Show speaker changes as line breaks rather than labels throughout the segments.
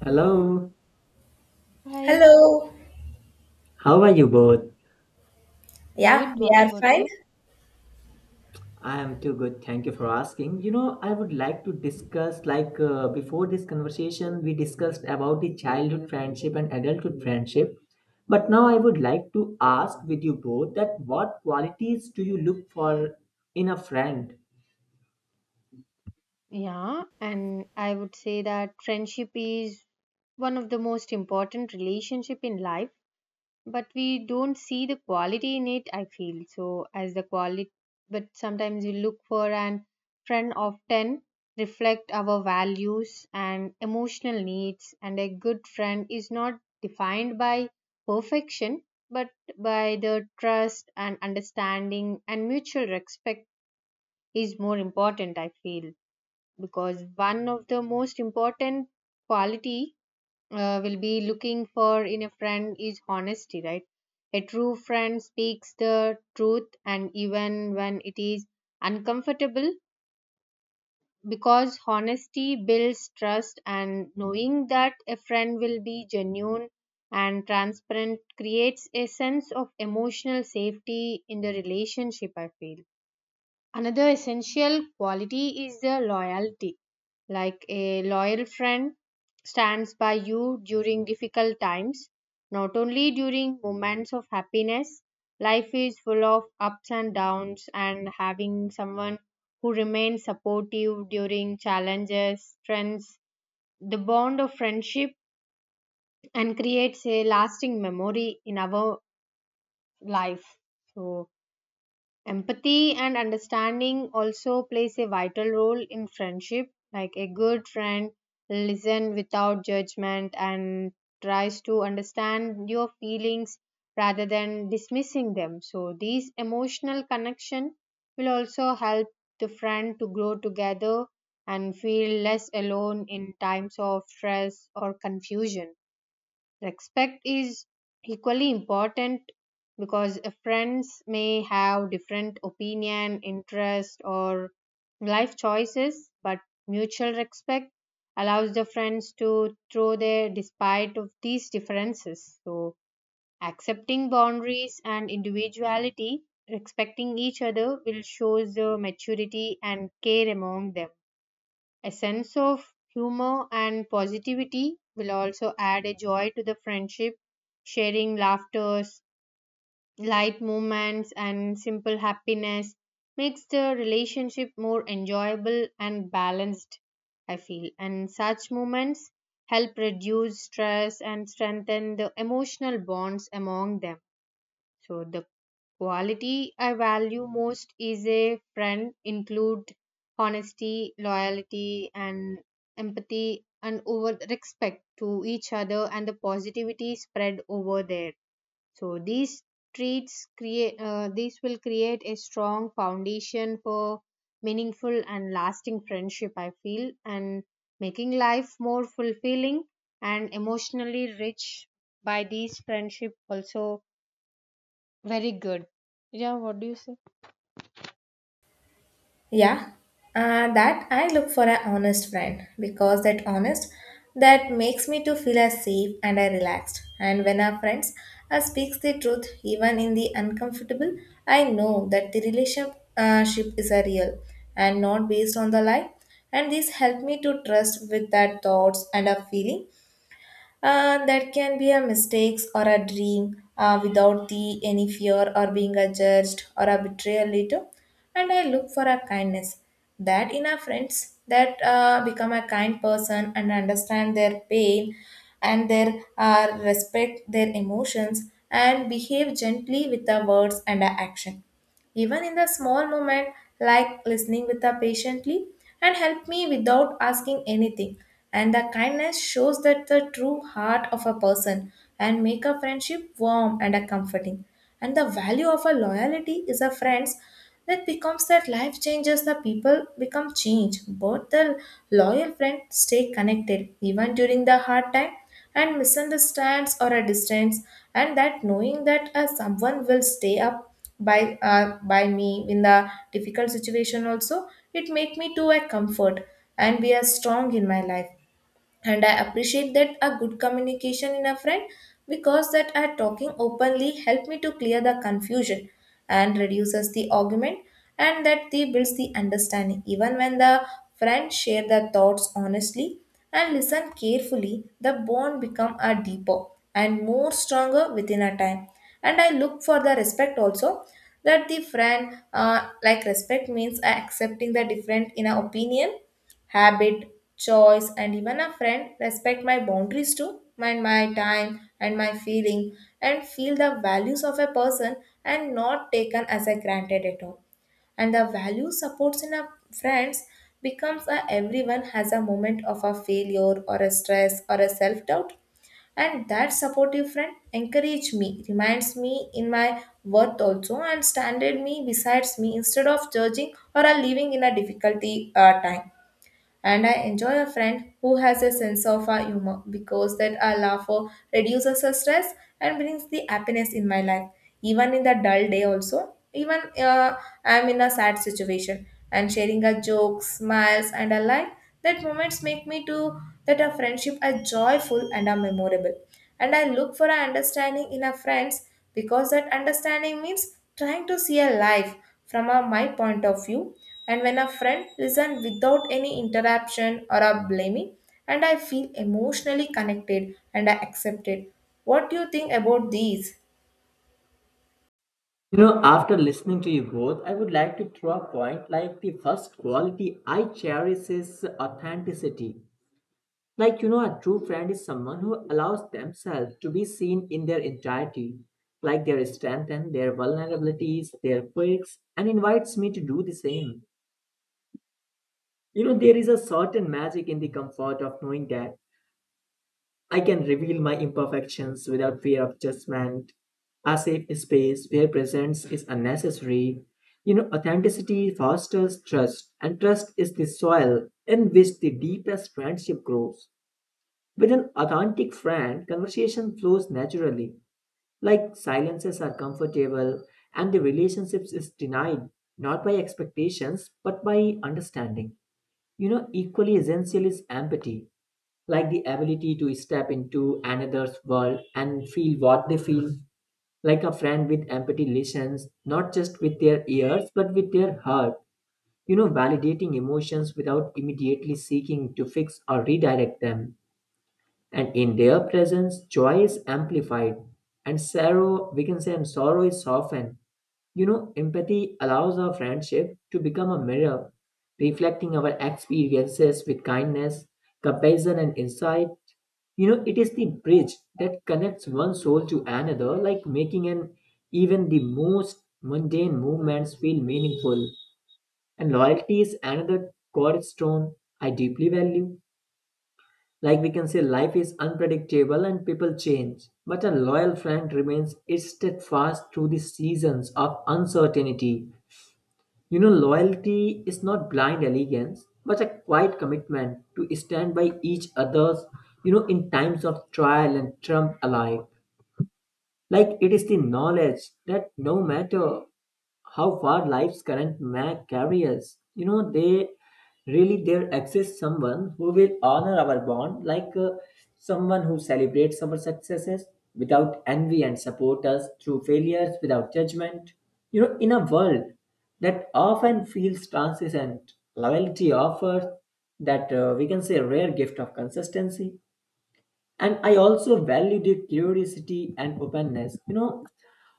Hello,
Hi,
Hello.
how are you both?
Yeah,
good.
we
What
are
about
fine.
you?
I am too good. Thank you for asking. You know, I would like to discuss, before this conversation, we discussed about the childhood friendship and adulthood friendship. But now I would like to ask with you both that what qualities do you look for in a friend?
Yeah, and I would say that friendship is one of the most important relationship in life, but we don't see the quality in it, I feel. So as the quality, but sometimes we look for an friend often reflect our values and emotional needs, and a good friend is not defined by perfection, but by the trust and understanding and mutual respect is more important I feel, because one of the most important quality will be looking for in a friend is honesty, right? A true friend speaks the truth and even when it is uncomfortable, because honesty builds trust, and knowing that a friend will be genuine and transparent creates a sense of emotional safety in the relationship, I feel. Another essential quality is the loyalty. Like a loyal friend stands by you during difficult times, not only during moments of happiness. Life is full of ups and downs, and having someone who remains supportive during challenges strengthens the bond of friendship and creates a lasting memory in our life. So, empathy and understanding also plays a vital role in friendship. Like a good friend listen without judgment and tries to understand your feelings rather than dismissing them. So these emotional connection will also help the friend to grow together and feel less alone in times of stress or confusion. Respect is equally important, because friends may have different opinion, interest or life choices, but mutual respect allows the friends to throw their despite of these differences. So accepting boundaries and individuality, respecting each other will shows the maturity and care among them. A sense of humor and positivity will also add a joy to the friendship. Sharing laughters, light moments, and simple happiness makes the relationship more enjoyable and balanced, I feel. And such moments help reduce stress and strengthen the emotional bonds among them. So the quality I value most is a friend include honesty, loyalty and empathy and over respect to each other and the positivity spread over there. So these traits create these will create a strong foundation for meaningful and lasting friendship I feel, and making life more fulfilling and emotionally rich by these friendship also, very good. Yeah, what do you say?
Yeah. That I look for an honest friend because that honest that makes me to feel as safe and I relaxed. And when our friends speaks the truth even in the uncomfortable, I know that the relationship ship is a real and not based on the lie. And this help me to trust with that thoughts and a feeling. That can be a mistakes or a dream without the any fear or being a judged or a betrayal later, and I look for a kindness that in our friends that become a kind person and understand their pain and their respect their emotions and behave gently with our words and our action, even in the small moment, like listening with her patiently and help me without asking anything. And the kindness shows that the true heart of a person and make a friendship warm and a comforting. And the value of a loyalty is a friends that becomes that life changes the people become change both the loyal friends stay connected even during the hard time and misunderstands or a distance. And that knowing that someone will stay up by me in the difficult situation also, it make me to a comfort and be a strong in my life. And I appreciate that a good communication in a friend, because that are talking openly help me to clear the confusion and reduces the argument, and that they builds the understanding even when the friend share their thoughts honestly and listen carefully, the bond become a deeper and more stronger within a time. And I look for the respect also, that the friend like respect means accepting the different in a opinion, habit, choice, and even a friend respect my boundaries too, mind my time and my feeling, and feel the values of a person and not taken as a granted at all. And the value supports in a friends becomes a everyone has a moment of a failure or a stress or a self doubt. And that supportive friend encouraged me, reminds me in my worth also, and standard me besides me instead of judging or a living in a difficulty time. And I enjoy a friend who has a sense of humor, because that a laugh reduces the stress and brings the happiness in my life. Even in the dull day also, even I'm in a sad situation and sharing a joke, smiles and a laugh, that moments make me to that a friendship are joyful and are memorable. And I look for an understanding in our friends, because that understanding means trying to see a life from a, my point of view. And when a friend listens without any interruption or a blaming, and I feel emotionally connected and I accepted. What do you think about these?
You know, after listening to you both, I would like to throw a point like the first quality I cherish is authenticity. Like, you know, a true friend is someone who allows themselves to be seen in their entirety, like their strength and their vulnerabilities, their quirks, and invites me to do the same. You know, there is a certain magic in the comfort of knowing that I can reveal my imperfections without fear of judgment, a safe space where presence is unnecessary. You know, authenticity fosters trust, and trust is the soil in which the deepest friendship grows. With an authentic friend, conversation flows naturally, like silences are comfortable and the relationship is denied not by expectations but by understanding. You know, equally essential is empathy, like the ability to step into another's world and feel what they feel. Like a friend with empathy listens not just with their ears but with their heart, you know, validating emotions without immediately seeking to fix or redirect them, and in their presence joy is amplified and sorrow we can say and sorrow is softened. You know, empathy allows our friendship to become a mirror, reflecting our experiences with kindness, compassion, and insight. You know, it is the bridge that connects one soul to another, like making an even the most mundane movements feel meaningful. And loyalty is another cornerstone I deeply value. Like we can say, life is unpredictable and people change, but a loyal friend remains steadfast through the seasons of uncertainty. You know, loyalty is not blind allegiance, but a quiet commitment to stand by each other's, you know, in times of trial and trump alike. Like it is the knowledge that no matter how far life's current map carries, you know, they really there exists someone who will honor our bond, someone who celebrates our successes without envy and support us through failures without judgment. You know, in a world that often feels transient, loyalty offers that we can say rare gift of consistency. And I also value their curiosity and openness. You know,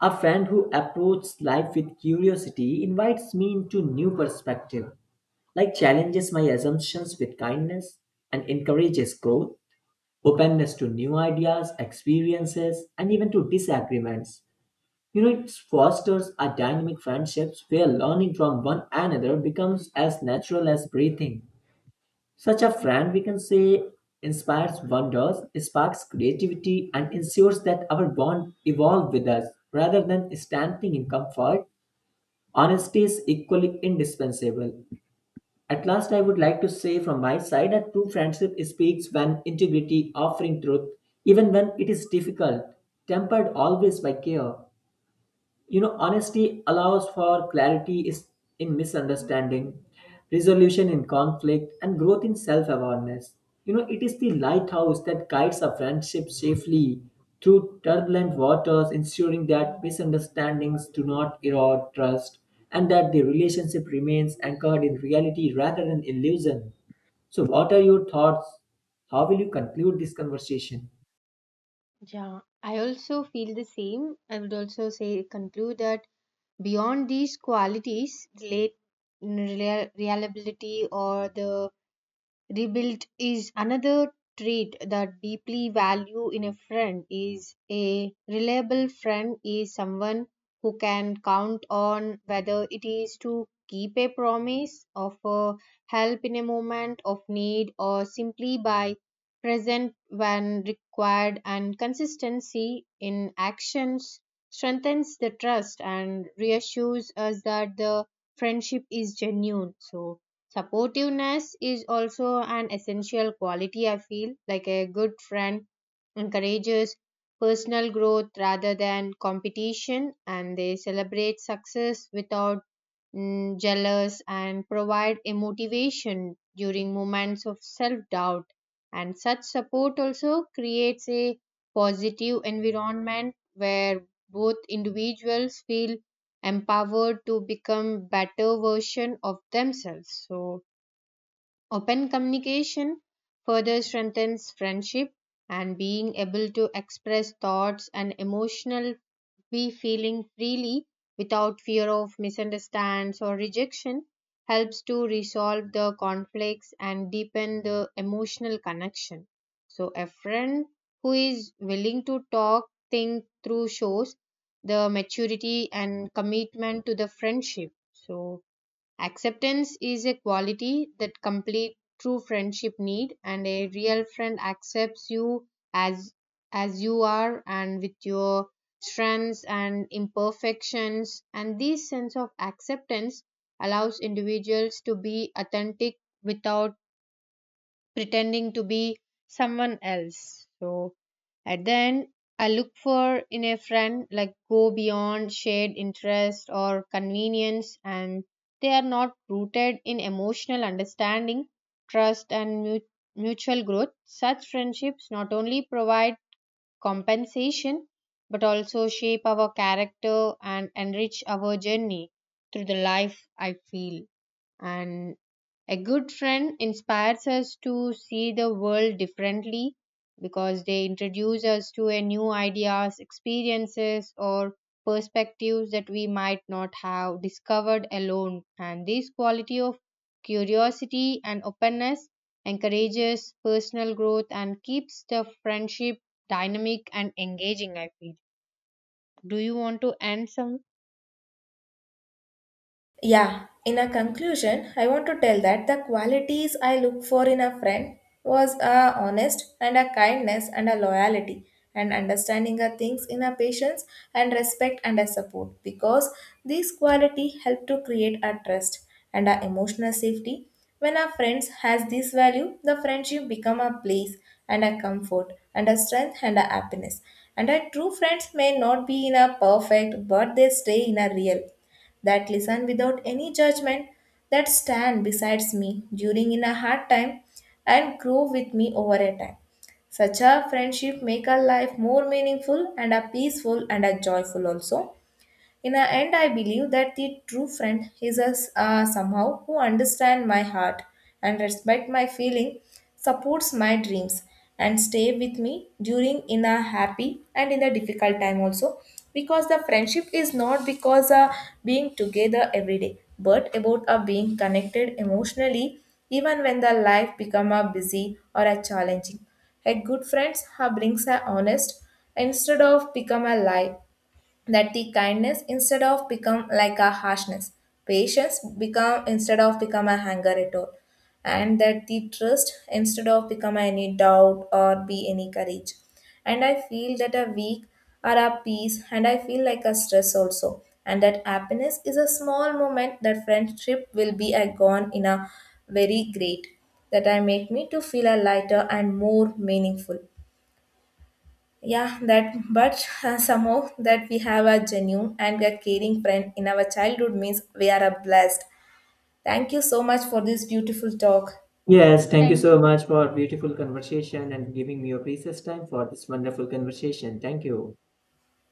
a friend who approaches life with curiosity invites me into new perspective, like challenges my assumptions with kindness and encourages growth, openness to new ideas, experiences, and even to disagreements. You know, it fosters a dynamic friendships where learning from one another becomes as natural as breathing. Such a friend, we can say, inspires wonders, sparks creativity, and ensures that our bond evolve with us rather than standing in comfort. Honesty is equally indispensable. At last, I would like to say from my side that true friendship speaks when integrity, offering truth, even when it is difficult, tempered always by care. You know, honesty allows for clarity is in misunderstanding, resolution in conflict, and growth in self awareness. You know, it is the lighthouse that guides a friendship safely through turbulent waters, ensuring that misunderstandings do not erode trust and that the relationship remains anchored in reality rather than illusion. So, what are your thoughts? How will you conclude this conversation?
Yeah, I also feel the same. I would also say conclude that beyond these qualities, reliability or the rebuilt is another trait that deeply value in a friend, is a reliable friend is someone who can count on, whether it is to keep a promise, offer help in a moment of need, or simply by present when required. And consistency in actions strengthens the trust and reassures us that the friendship is genuine. So supportiveness is also an essential quality, I feel. Like a good friend encourages personal growth rather than competition, and they celebrate success without jealous and provide a motivation during moments of self doubt. And such support also creates a positive environment where both individuals feel empowered to become better version of themselves. So open communication further strengthens friendship, and being able to express thoughts and emotional, be feeling freely without fear of misunderstands or rejection, helps to resolve the conflicts and deepen the emotional connection. So a friend who is willing to talk think through shows the maturity and commitment to the friendship. So acceptance is a quality that complete true friendship need, and a real friend accepts you as you are, and with your strengths and imperfections. And this sense of acceptance allows individuals to be authentic without pretending to be someone else. So at the end, I look for in a friend like go beyond shared interest or convenience, and they are not rooted in emotional understanding, trust, and mutual growth. Such friendships not only provide compensation but also shape our character and enrich our journey through the life, I feel. And a good friend inspires us to see the world differently, because they introduce us to a new ideas, experiences or perspectives that we might not have discovered alone. And this quality of curiosity and openness encourages personal growth and keeps the friendship dynamic and engaging, I feel. Do you want to end some?
Yeah, in a conclusion, I want to tell that the qualities I look for in a friend was a honest and a kindness and a loyalty and understanding of things in a patience and respect and a support, because these quality help to create a trust and a emotional safety. When a friend has this value, the friendship become a place and a comfort and a strength and a happiness. And a true friends may not be in a perfect, but they stay in a real that listen without any judgment, that stand besides me during in a hard time and grow with me over a time. Such a friendship make our life more meaningful and a peaceful and a joyful also. In the end, I believe that the true friend is a, somehow who understands my heart and respect my feeling, supports my dreams, and stay with me during in a happy and in a difficult time also. Because the friendship is not because being together every day, but about being connected emotionally, even when the life become a busy or a challenging. A good friends brings a honest instead of become a lie, that the kindness instead of become like a harshness, patience become instead of become a anger at all, and that the trust instead of become any doubt or be any courage. And I feel that a weak or a peace, and I feel like a stress also, and that happiness is a small moment that friendship will be a gone in a very great, that I make me to feel a lighter and more meaningful. Yeah, that but somehow that we have a genuine and a caring friend in our childhood means we are a blessed. Thank you so much for this beautiful talk.
Yes, thank you
Thank
so
you.
much for beautiful conversation and giving me your precious time for this wonderful conversation. Thank you.